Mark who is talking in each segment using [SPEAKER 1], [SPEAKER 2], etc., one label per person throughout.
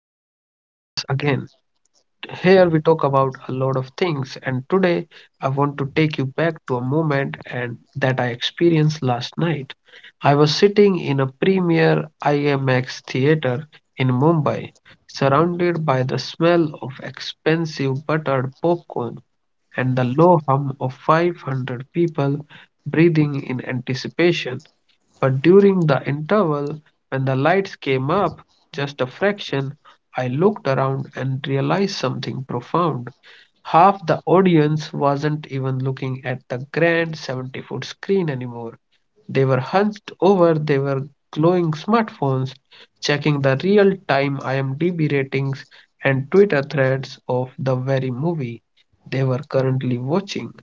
[SPEAKER 1] again. Here we talk about a lot of things, and today I want to take you back to a moment and that I experienced last night. I was sitting in a premier IMAX theater in Mumbai, surrounded by the smell of expensive buttered popcorn and the low hum of 500 people breathing in anticipation. But during the interval, when the lights came up just a fraction, I looked around and realized something profound. Half the audience wasn't even looking at the grand 70-foot screen anymore. They were hunched over. They were glowing smartphones, checking the real time IMDb ratings and Twitter threads of the very movie they were currently watching.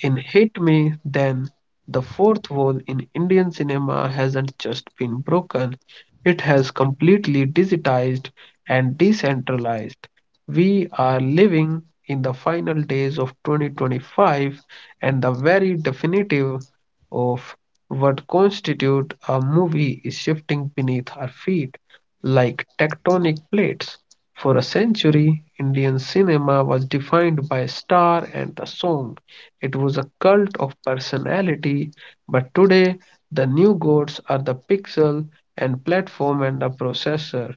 [SPEAKER 1] In Hit Me Then, the fourth wall in Indian cinema hasn't just been broken, it has completely digitized and decentralized. We are living in the final days of 2025, and the very definitive of what constitutes a movie is shifting beneath our feet like tectonic plates. For a century, Indian cinema was defined by a star and a song. It was a cult of personality, but today the new gods are the pixel and platform and the processor.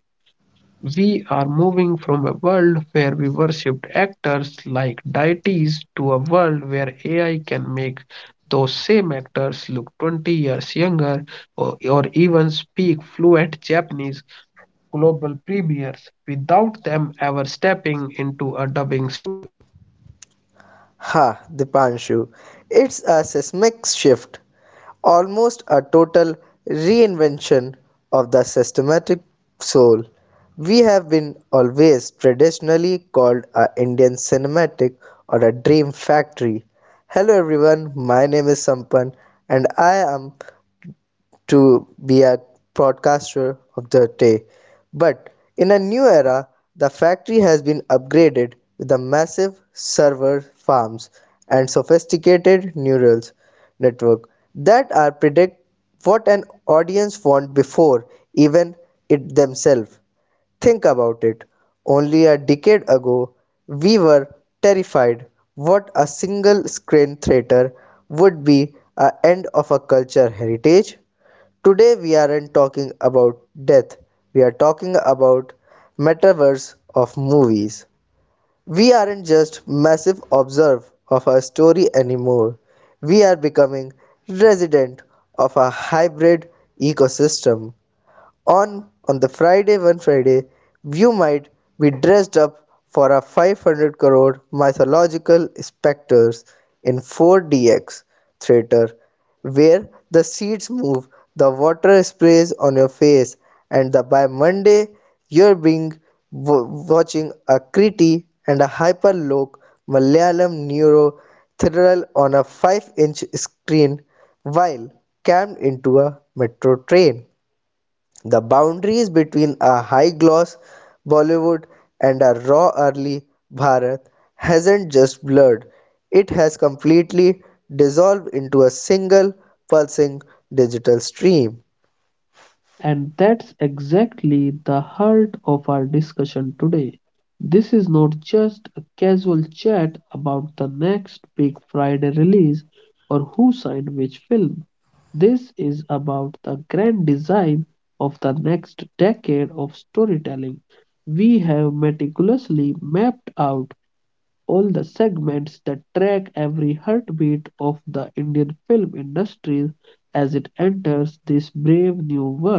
[SPEAKER 1] We are moving from a world where we worshipped actors like deities to a world where AI can make those same actors look 20 years younger, or even speak fluent Japanese global premieres without them ever stepping into a dubbing.
[SPEAKER 2] Ha, Dipanshu, it's a seismic shift, almost a total reinvention of the systematic soul. We have been always traditionally called a Indian cinematic or a dream factory. Hello everyone, my name is Sampan and I am to be a broadcaster of the day. But in a new era, the factory has been upgraded with the massive server farms and sophisticated neural network that are predict what an audience want before even it themselves. Think about it. Only a decade ago, we were terrified what a single screen theater would be a end of a culture heritage. Today we aren't talking about death, we are talking about metaverse of movies. We aren't just massive observer of our story anymore. We are becoming resident of a hybrid ecosystem. On the Friday one Friday, you might be dressed up for a 500 crore mythological specters in 4DX theater where the seats move, the water sprays on your face, and the, by Monday you're being watching a Kriti and a hyperloc Malayalam neuro thriller on a 5-inch screen while crammed into a metro train. The boundaries between a high-gloss Bollywood and a raw early Bharat hasn't just blurred, it has completely dissolved into a single pulsing digital stream.
[SPEAKER 1] And that's exactly the heart of our discussion today. This is not just a casual chat about the next big Friday release or who signed which film. This is about the grand design of the next decade of storytelling. We have meticulously mapped out all the segments that track every heartbeat of the Indian film industry as it enters this brave new world.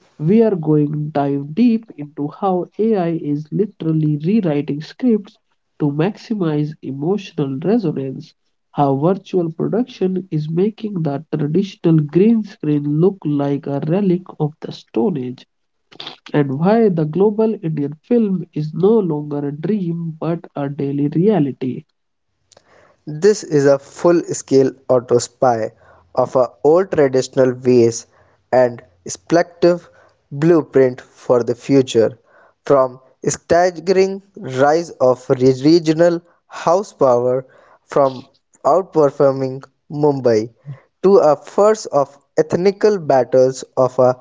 [SPEAKER 1] We are going dive deep into how AI is literally rewriting scripts to maximize emotional resonance, how virtual production is making the traditional green screen look like a relic of the Stone Age, and why the global Indian film is no longer a dream but a daily reality.
[SPEAKER 2] This is a full-scale autopsy of a old traditional ways and speculative blueprint for the future. From staggering rise of regional house power, from outperforming Mumbai to a first of ethnical battles of a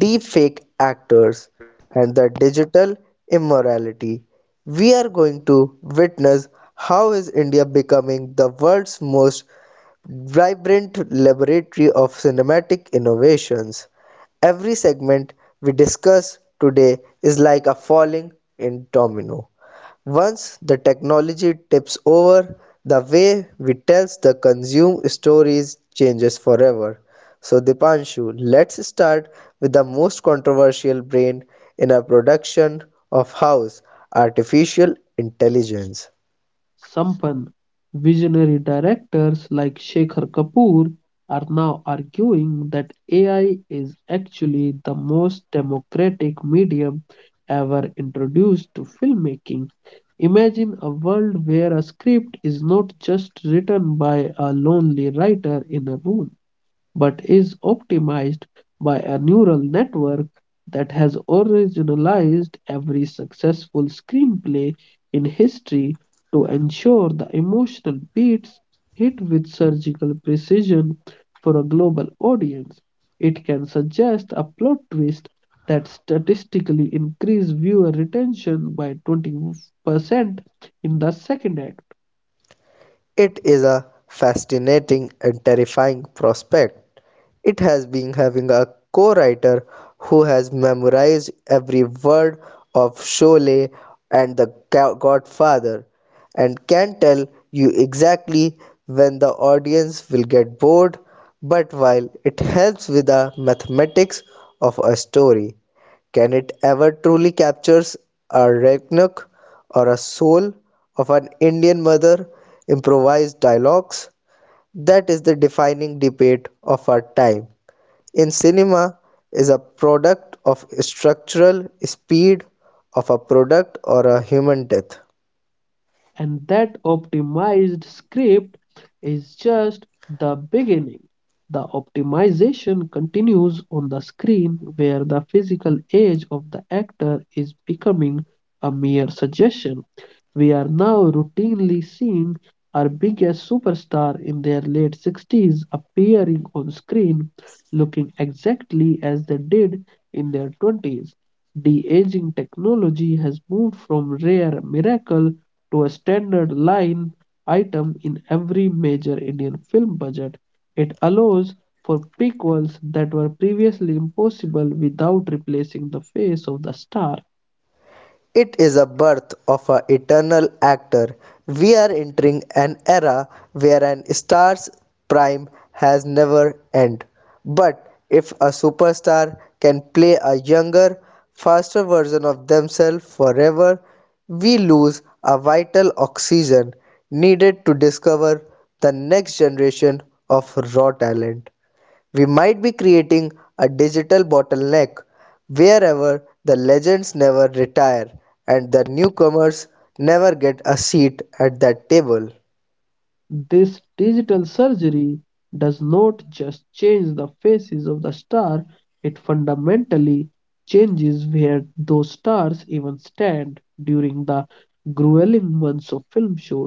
[SPEAKER 2] deep fake actors and the digital immorality. We are going to witness how is India becoming the world's most vibrant laboratory of cinematic innovations. Every segment we discuss today is like a falling in domino. Once the technology tips over, the way we tells the consume stories changes forever. So Dipanshu, let's start with the most controversial brain in a production of house, artificial intelligence.
[SPEAKER 1] Sampan. Visionary directors like Shekhar Kapoor are now arguing that AI is actually the most democratic medium ever introduced to filmmaking. Imagine a world where a script is not just written by a lonely writer in a room but is optimized by a neural network that has originalized every successful screenplay in history to ensure the emotional beats hit with surgical precision for a global audience. It can suggest a plot twist that statistically increase viewer retention by 20% in the second act.
[SPEAKER 2] It is a fascinating and terrifying prospect. It has been having a co-writer who has memorized every word of Sholay and The Godfather and can tell you exactly when the audience will get bored, but while it helps with the mathematics of a story, can it ever truly captures a Roanoke or a soul of an Indian mother improvised dialogues? That is the defining debate of our time. In cinema is a product of structural speed of a product or a human death.
[SPEAKER 1] And that optimized script is just the beginning. The optimization continues on the screen where the physical age of the actor is becoming a mere suggestion. We are now routinely seeing our biggest superstar in their late 60s appearing on screen looking exactly as they did in their 20s. De aging technology has moved from rare miracle to a standard line item in every major Indian film budget. It allows for prequels that were previously impossible without replacing the face of the star.
[SPEAKER 2] It is a birth of an eternal actor. We are entering an era where an star's prime has never end. But if a superstar can play a younger, faster version of themselves forever, we lose a vital oxygen needed to discover the next generation of raw talent. We might be creating a digital bottleneck wherever the legends never retire and the newcomers never get a seat at that table.
[SPEAKER 1] This digital surgery does not just change the faces of the star, it fundamentally changes where those stars even stand during the grueling months of film shoot.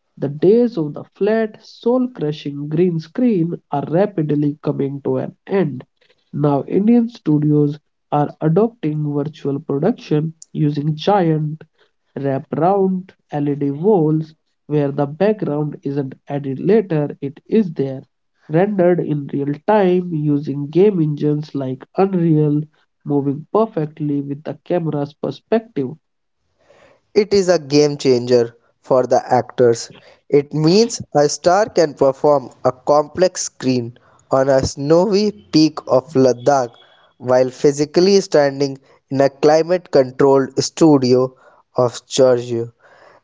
[SPEAKER 1] The days of the flat, soul crushing green screen are rapidly coming to an end. Now, Indian studios are adopting virtual production using giant wraparound LED walls where the background isn't added later, it is there, rendered in real time using game engines like Unreal, moving perfectly with the camera's perspective.
[SPEAKER 2] It is a game changer for the actors. It means a star can perform a complex scene on a snowy peak of Ladakh while physically standing in a climate controlled studio of Georgia.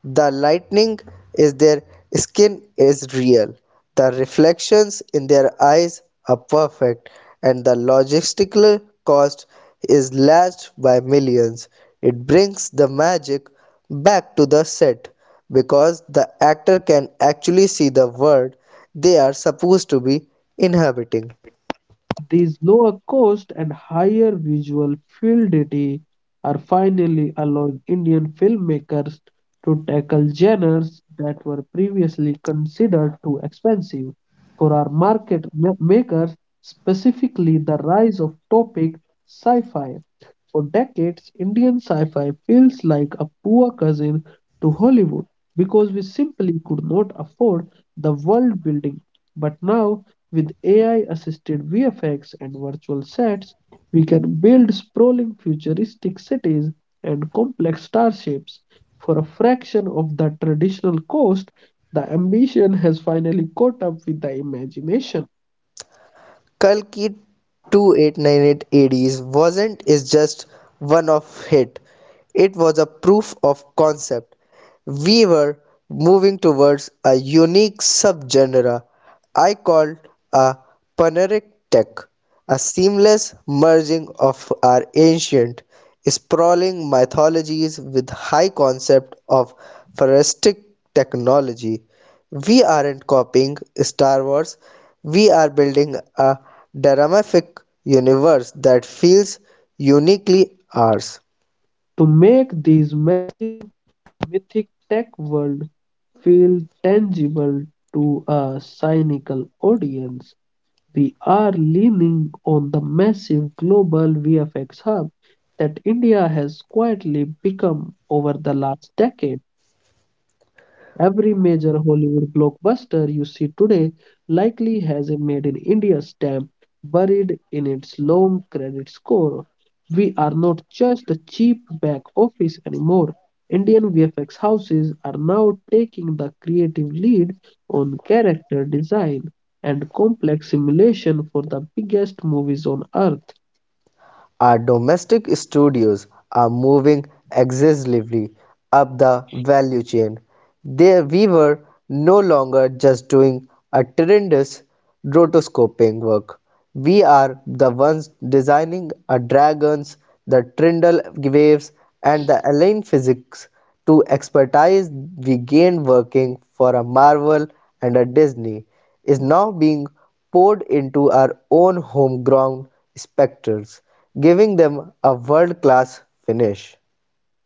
[SPEAKER 2] The lightning in their skin is real, the reflections in their eyes are perfect, and the logistical cost is slashed by millions. It brings the magic back to the set because the actor can actually see the world they are supposed to be inhabiting.
[SPEAKER 1] These lower cost and higher visual fluidity are finally allowing Indian filmmakers to tackle genres that were previously considered too expensive for our market makers, specifically the rise of topic sci-fi. For decades, Indian sci fi feels like a poor cousin to Hollywood because we simply could not afford the world building. But now, with AI assisted VFX and virtual sets, we can build sprawling futuristic cities and complex starships for a fraction of the traditional cost. The ambition has finally caught up with the imagination.
[SPEAKER 2] Kalki 2898 ADs wasn't is just one off hit. It was a proof of concept we were moving towards a unique subgenre I called a paneric tech, a seamless merging of our ancient, sprawling mythologies with high concept of futuristic technology. We aren't copying Star Wars, we are building a dramatic universe that feels uniquely ours.
[SPEAKER 1] To make these mythic tech world feel tangible to a cynical audience, we are leaning on the massive global VFX hub that India has quietly become over the last decade. Every major Hollywood blockbuster you see today likely has a Made in India stamp buried in its long credit score. We are not just a cheap back office anymore. Indian VFX houses are now taking the creative lead on character design and complex simulation for the biggest movies on earth.
[SPEAKER 2] Our domestic studios are moving aggressively up the value chain. There we were no longer just doing a tremendous rotoscoping work. We are the ones designing a dragons, the trindle waves, and the alien physics to expertise we gained working for a Marvel and a Disney is now being poured into our own homegrown specters, giving them a world class finish.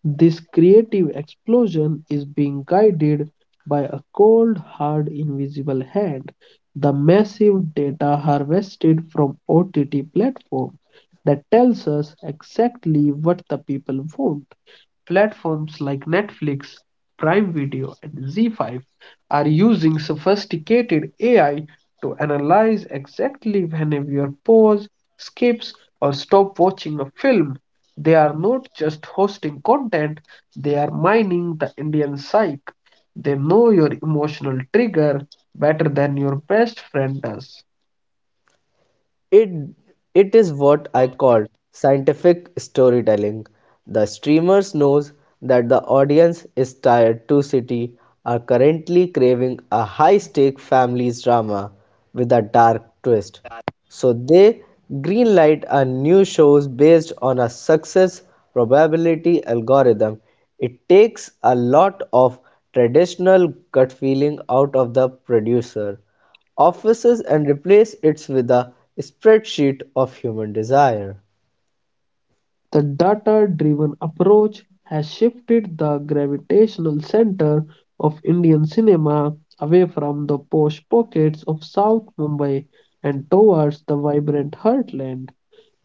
[SPEAKER 1] This creative explosion is being guided by a cold, hard, invisible hand. The massive data harvested from OTT platform that tells us exactly what the people want. Platforms like Netflix, Prime Video, and Z5 are using sophisticated AI to analyze exactly when a viewer pause, skips, or stops watching a film. They are not just hosting content, they are mining the Indian psyche. They know your emotional trigger better than your best friend does.
[SPEAKER 2] It it is what I call scientific storytelling. The streamers knows that the audience is tired to city are currently craving a high-stake family drama with a dark twist. So they greenlight a new shows based on a success probability algorithm. It takes a lot of traditional gut feeling out of the producer offices and replace it with a spreadsheet of human desire.
[SPEAKER 1] The data-driven approach has shifted the gravitational center of Indian cinema away from the posh pockets of South Mumbai and towards the vibrant heartland.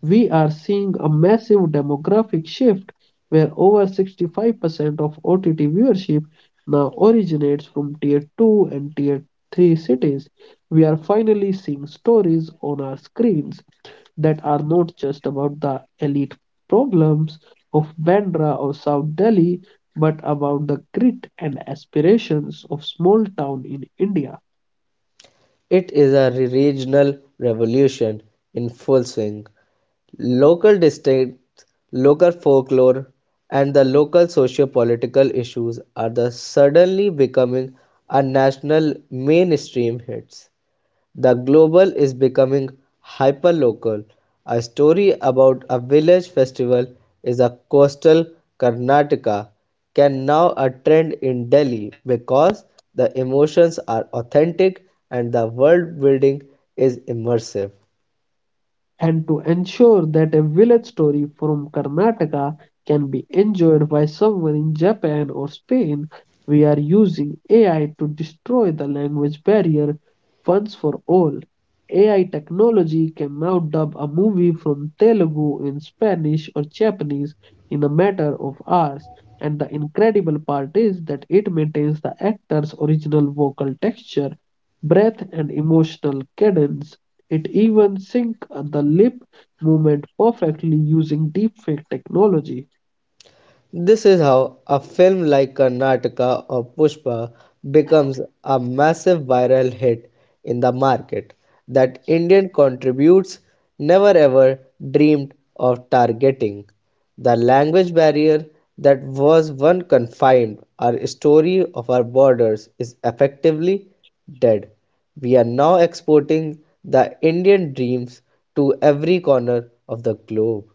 [SPEAKER 1] We are seeing a massive demographic shift where over 65% of OTT viewership now originates from tier 2 and tier 3 cities. We are finally seeing stories on our screens that are not just about the elite problems of Bandra or South Delhi, but about the grit and aspirations of small town in India.
[SPEAKER 2] It is a regional revolution in full swing. Local districts, local folklore, and the local socio-political issues are the suddenly becoming a national mainstream hits. The Global is becoming hyperlocal. A story about a village festival is a coastal Karnataka can now a trend in Delhi because the emotions are authentic and the world building is immersive.
[SPEAKER 1] And to ensure that a village story from Karnataka can be enjoyed by someone in Japan or Spain, we are using AI to destroy the language barrier once for all. AI technology can now dub a movie from Telugu in Spanish or Japanese in a matter of hours, and the incredible part is that it maintains the actor's original vocal texture, breath, and emotional cadence. It even synced the lip movement perfectly using deepfake technology.
[SPEAKER 2] This is how a film like Karnataka or Pushpa becomes a massive viral hit in the market that Indian contributes never ever dreamed of targeting. The language barrier that was once confined our story of our borders is effectively dead. We are now exporting the Indian dreams to every corner of the globe.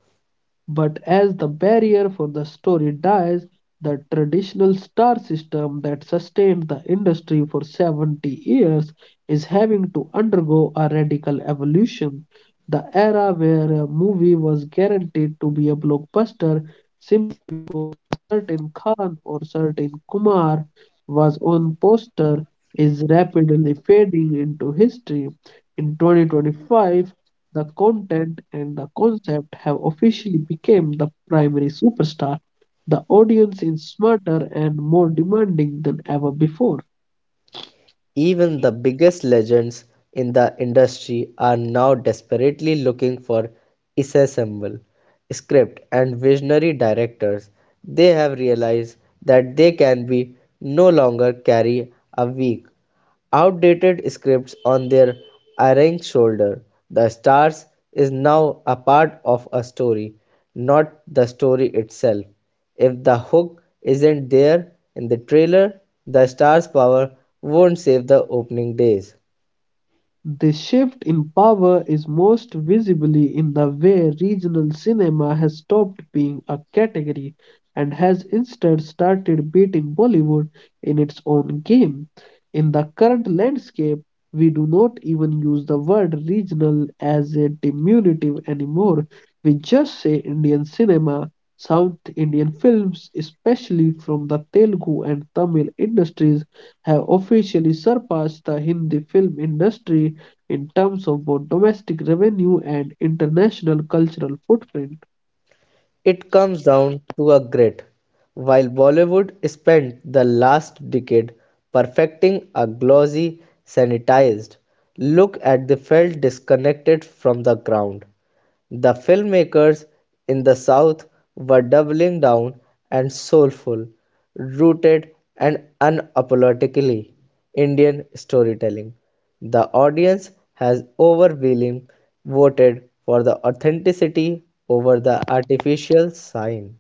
[SPEAKER 1] But as the barrier for the story dies, the traditional star system that sustained the industry for 70 years is having to undergo a radical evolution. The era where a movie was guaranteed to be a blockbuster certain Khan or certain Kumar was on poster is rapidly fading into history. In 2025, the content and the concept have officially become the primary superstar. The audience is smarter and more demanding than ever before.
[SPEAKER 2] Even the biggest legends in the industry are now desperately looking for ensemble, script, and visionary directors. They have realized that they can be no longer carry a weak, outdated scripts on their arranged shoulder. The stars is now a part of a story, not the story itself. If the hook isn't there in the trailer, the star's power won't save the opening days.
[SPEAKER 1] The shift in power is most visibly in the way regional cinema has stopped being a category and has instead started beating Bollywood in its own game. In the current landscape, we do not even use the word regional as a diminutive anymore. We just say Indian cinema. South Indian films, especially from the Telugu and Tamil industries, have officially surpassed the Hindi film industry in terms of both domestic revenue and international cultural footprint.
[SPEAKER 2] It comes down to a grit. While Bollywood spent the last decade perfecting a glossy, sanitized look at the felt disconnected from the ground. The filmmakers in the South were doubling down and soulful, rooted and unapologetically Indian storytelling. The audience has overwhelmingly voted for the authenticity over the artificial sign.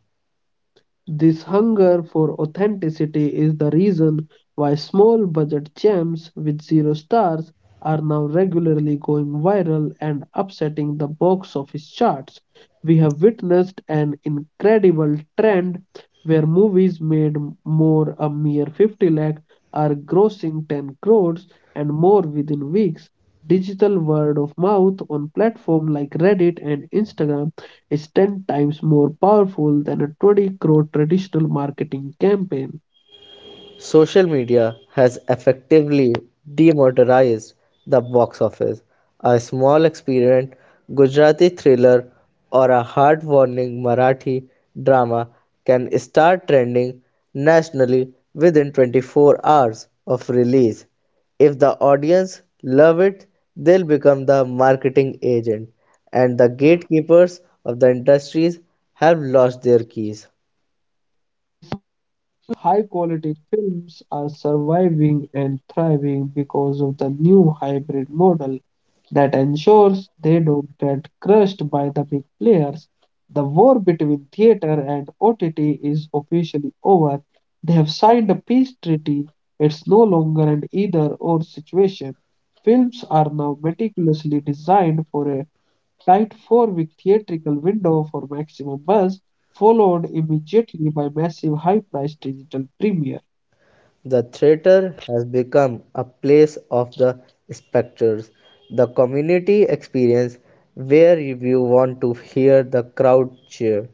[SPEAKER 1] This hunger for authenticity is the reason why small budget gems with zero stars are now regularly going viral and upsetting the box office charts. We have witnessed an incredible trend where movies made more a mere 50 lakh are grossing 10 crores and more within weeks. Digital word of mouth on platforms like Reddit and Instagram is 10 times more powerful than a 20 crore traditional marketing campaign.
[SPEAKER 2] Social media has effectively demotorized the box office. A small experiment Gujarati thriller or a heartwarming Marathi drama can start trending nationally within 24 hours of release. If the audience love it, they'll become the marketing agent, and the gatekeepers of the industries have lost their keys.
[SPEAKER 1] High quality films are surviving and thriving because of the new hybrid model that ensures they don't get crushed by the big players. The war between theater and OTT is officially over. They have signed a peace treaty. It's no longer an either or situation. Films are now meticulously designed for a tight four-week theatrical window for maximum buzz, followed immediately by massive high-priced digital premieres.
[SPEAKER 2] The theater has become a place of the spectators, the community experience where you want to hear the crowd cheer.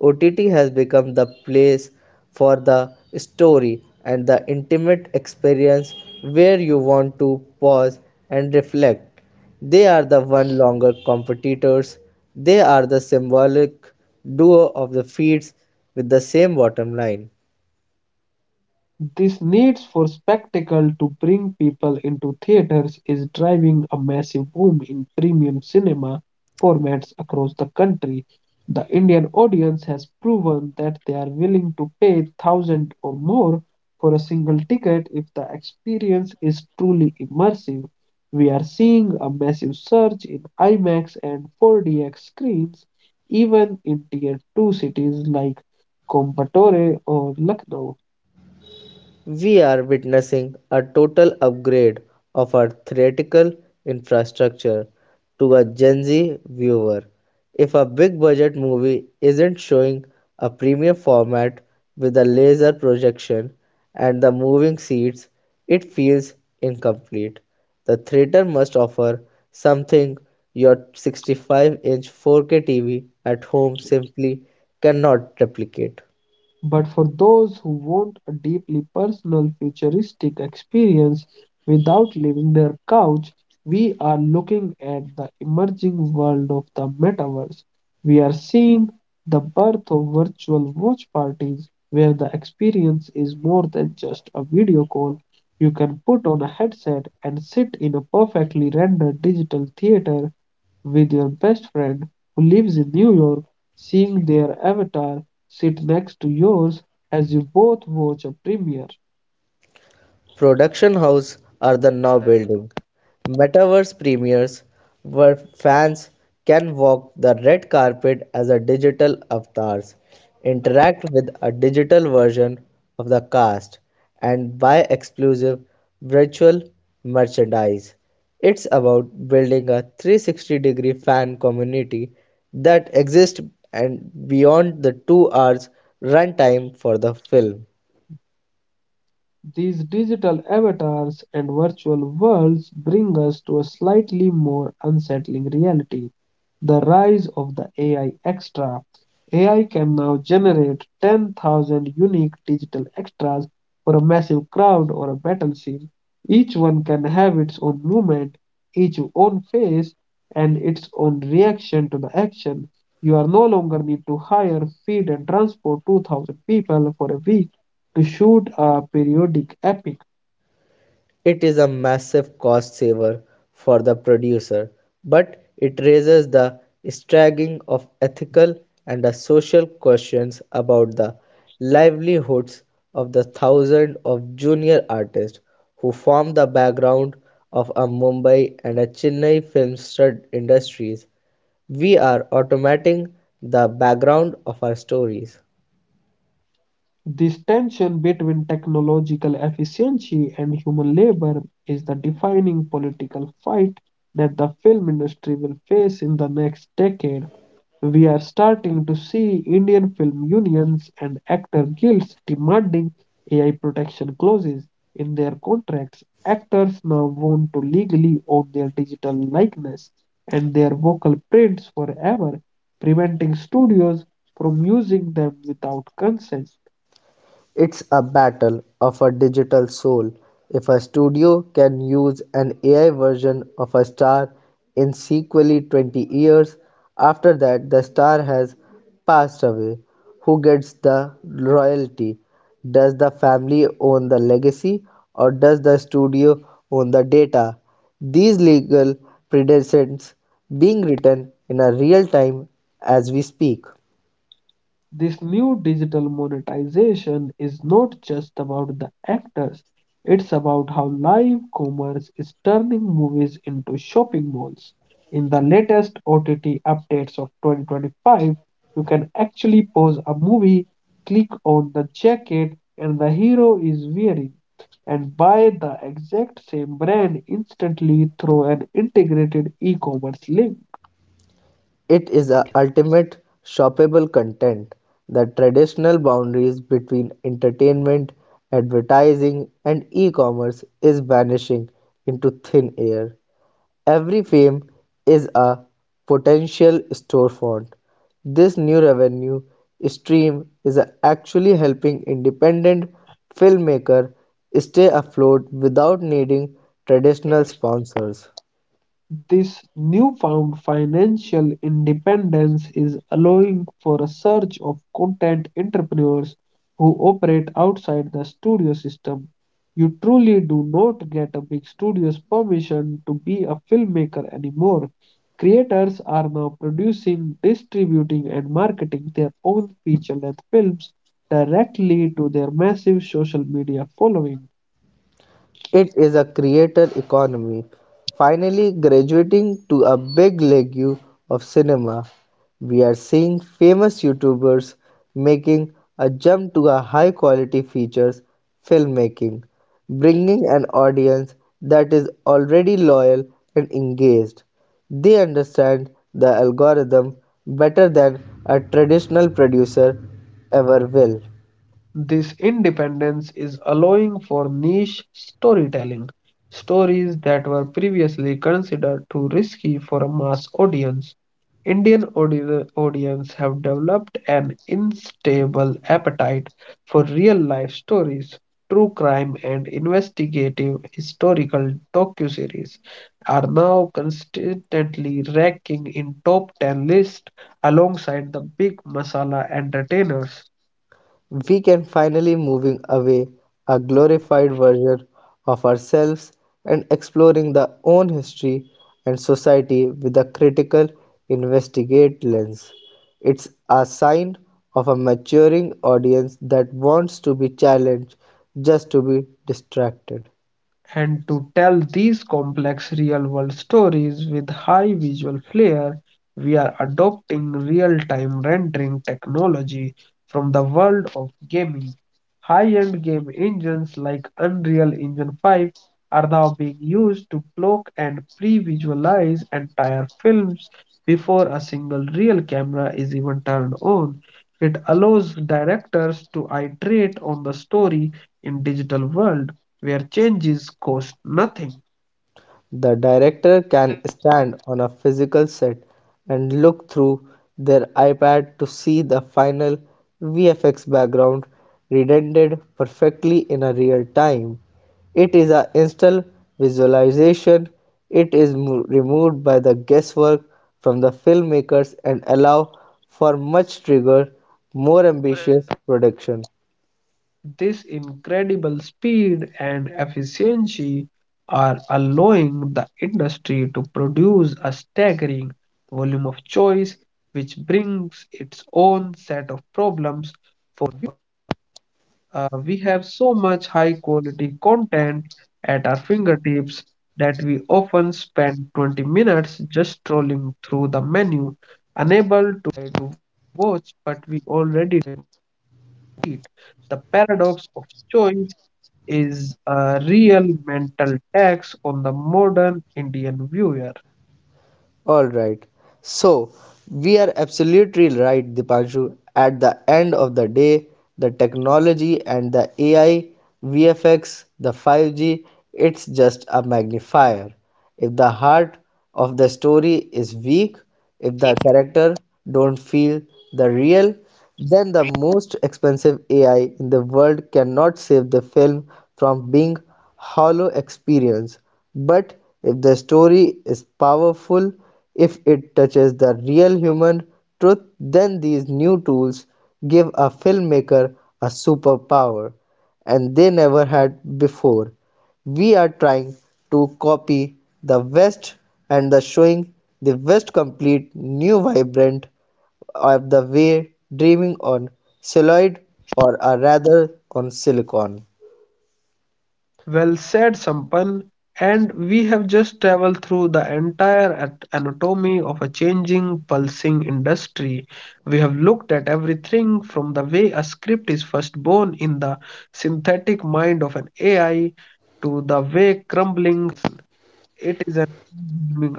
[SPEAKER 2] OTT has become the place for the story and the intimate experience where you want to pause and reflect. They are the one longer competitors. They are the symbolic duo of the feeds with the same bottom line.
[SPEAKER 1] This needs for spectacle to bring people into theaters is driving a massive boom in premium cinema formats across the country. The Indian audience has proven that they are willing to pay thousand or more for a single ticket if the experience is truly immersive. We are seeing a massive surge in IMAX and 4DX screens, even in tier 2 cities like Coimbatore or Lucknow.
[SPEAKER 2] We are witnessing a total upgrade of our theatrical infrastructure to a Gen Z viewer. If a big budget movie isn't showing a premium format with a laser projection and the moving seats, it feels incomplete. The theater must offer something your 65 inch 4K TV at home simply cannot replicate.
[SPEAKER 1] But for those who want a deeply personal, futuristic experience without leaving their couch, we are looking at the emerging world of the metaverse. We are seeing the birth of virtual watch parties where the experience is more than just a video call. You can put on a headset and sit in a perfectly rendered digital theater with your best friend who lives in New York, seeing their avatar sit next to yours as you both watch a premiere.
[SPEAKER 2] Production house are the now building. Metaverse premieres where fans can walk the red carpet as a digital avatars, interact with a digital version of the cast, and buy exclusive virtual merchandise. It's about building a 360-degree fan community that exists and beyond the 2 hours runtime for the film.
[SPEAKER 1] These digital avatars and virtual worlds bring us to a slightly more unsettling reality: the rise of the AI extra. AI can now generate 10,000 unique digital extras for a massive crowd or a battle scene. Each one can have its own movement, its own face, and its own reaction to the action. You are no longer need to hire, feed, and transport 2,000 people for a week issued a periodic epic.
[SPEAKER 2] It is a massive cost saver for the producer, but it raises the staggering of ethical and the social questions about the livelihoods of the thousands of junior artists who form the background of a Mumbai and a Chennai film stud industries. We are automating the background of our stories.
[SPEAKER 1] This tension between technological efficiency and human labor is the defining political fight that the film industry will face in the next decade. We are starting to see Indian film unions and actor guilds demanding AI protection clauses in their contracts. Actors now want to legally own their digital likeness and their vocal prints forever, preventing studios from using them without consent.
[SPEAKER 2] It's a battle of a digital soul if a studio can use an AI version of a star in sequely 20 years after that the star has passed away. Who gets the royalty? Does the family own the legacy or does the studio own the data? These legal precedents being written in a real time as we speak.
[SPEAKER 1] This new digital monetization is not just about the actors, it's about how live commerce is turning movies into shopping malls. In the latest OTT updates of 2025, you can actually pause a movie, click on the jacket and the hero is wearing, and buy the exact same brand instantly through an integrated e commerce link.
[SPEAKER 2] It is a ultimate shoppable content that traditional boundaries between entertainment, advertising and e-commerce is vanishing into thin air. Every frame is a potential storefront. This new revenue stream is actually helping independent filmmakers stay afloat without needing traditional sponsors.
[SPEAKER 1] This newfound financial independence is allowing for a surge of content entrepreneurs who operate outside the studio system. You truly do not get a big studio's permission to be a filmmaker anymore. Creators are now producing, distributing, and marketing their own feature length films directly to their massive social media following.
[SPEAKER 2] It is a creator economy, finally graduating to a big league of cinema. We are seeing famous YouTubers making a jump to a high quality features filmmaking, bringing an audience that is already loyal and engaged. They understand the algorithm better than a traditional producer ever will.
[SPEAKER 1] This independence is allowing for niche storytelling, stories that were previously considered too risky for a mass audience. Indian audience have developed an unstable appetite for real-life stories. True crime and investigative historical docuseries are now consistently ranking in top 10 lists alongside the big masala entertainers.
[SPEAKER 2] We can finally moving away a glorified version of ourselves and exploring the own history and society with a critical investigate lens. It's a sign of a maturing audience that wants to be challenged just to be distracted.
[SPEAKER 1] And to tell these complex real world stories with high visual flair, we are adopting real time rendering technology from the world of gaming. High end game engines like Unreal Engine 5 are now being used to cloak and pre visualize entire films before a single real camera is even turned on. It allows directors to iterate on the story in digital world where changes cost nothing.
[SPEAKER 2] The director can stand on a physical set and look through their iPad to see the final VFX background rendered perfectly in a real time. It is an instant visualization. It is removed by the guesswork from the filmmakers and allow for much trigger, more ambitious production.
[SPEAKER 1] This incredible speed and efficiency are allowing the industry to produce a staggering volume of choice, which brings its own set of problems. We have so much high quality content at our fingertips that we often spend 20 minutes just scrolling through the menu, unable to watch what we already heat. The paradox of choice is a real mental tax on the modern Indian viewer.
[SPEAKER 2] All right. So we are absolutely right, Dipanshu. At the end of the day, the technology and the AI, VFX, the 5G, it's just a magnifier. If the heart of the story is weak, if the character don't feel the real, then the most expensive AI in the world cannot save the film from being hollow experience. But if the story is powerful, if it touches the real human truth, then these new tools give a filmmaker a superpower and they never had before. We are trying to copy the West and the showing the West complete new vibrant of the way dreaming on celluloid or rather on silicon.
[SPEAKER 1] Well said, Sampan. And we have just traveled through the entire anatomy of a changing, pulsing industry. We have looked at everything from the way a script is first born in the synthetic mind of an AI to the way crumbling. It is an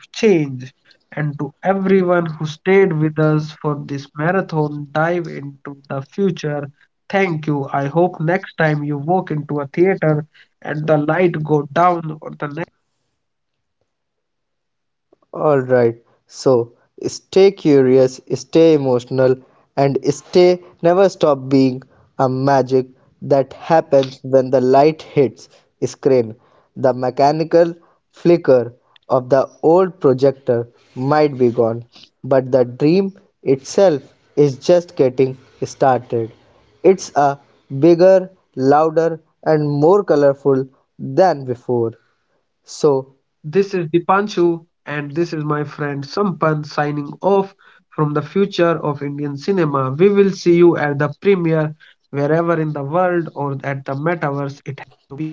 [SPEAKER 1] overwhelming amount of change. And to everyone who stayed with us for this marathon dive into the future, thank you. I hope next time you walk into a theater and the light go down or the.
[SPEAKER 2] All right. So stay curious, stay emotional, and stay never stop being a magic that happens when the light hits screen. The mechanical flicker of the old projector might be gone, but the dream itself is just getting started. It's a bigger, louder, and more colorful than before. So
[SPEAKER 1] This is Dipanshu and this is my friend Sampan signing off from the future of Indian cinema. We will see you at the premiere wherever in the world or at the metaverse it.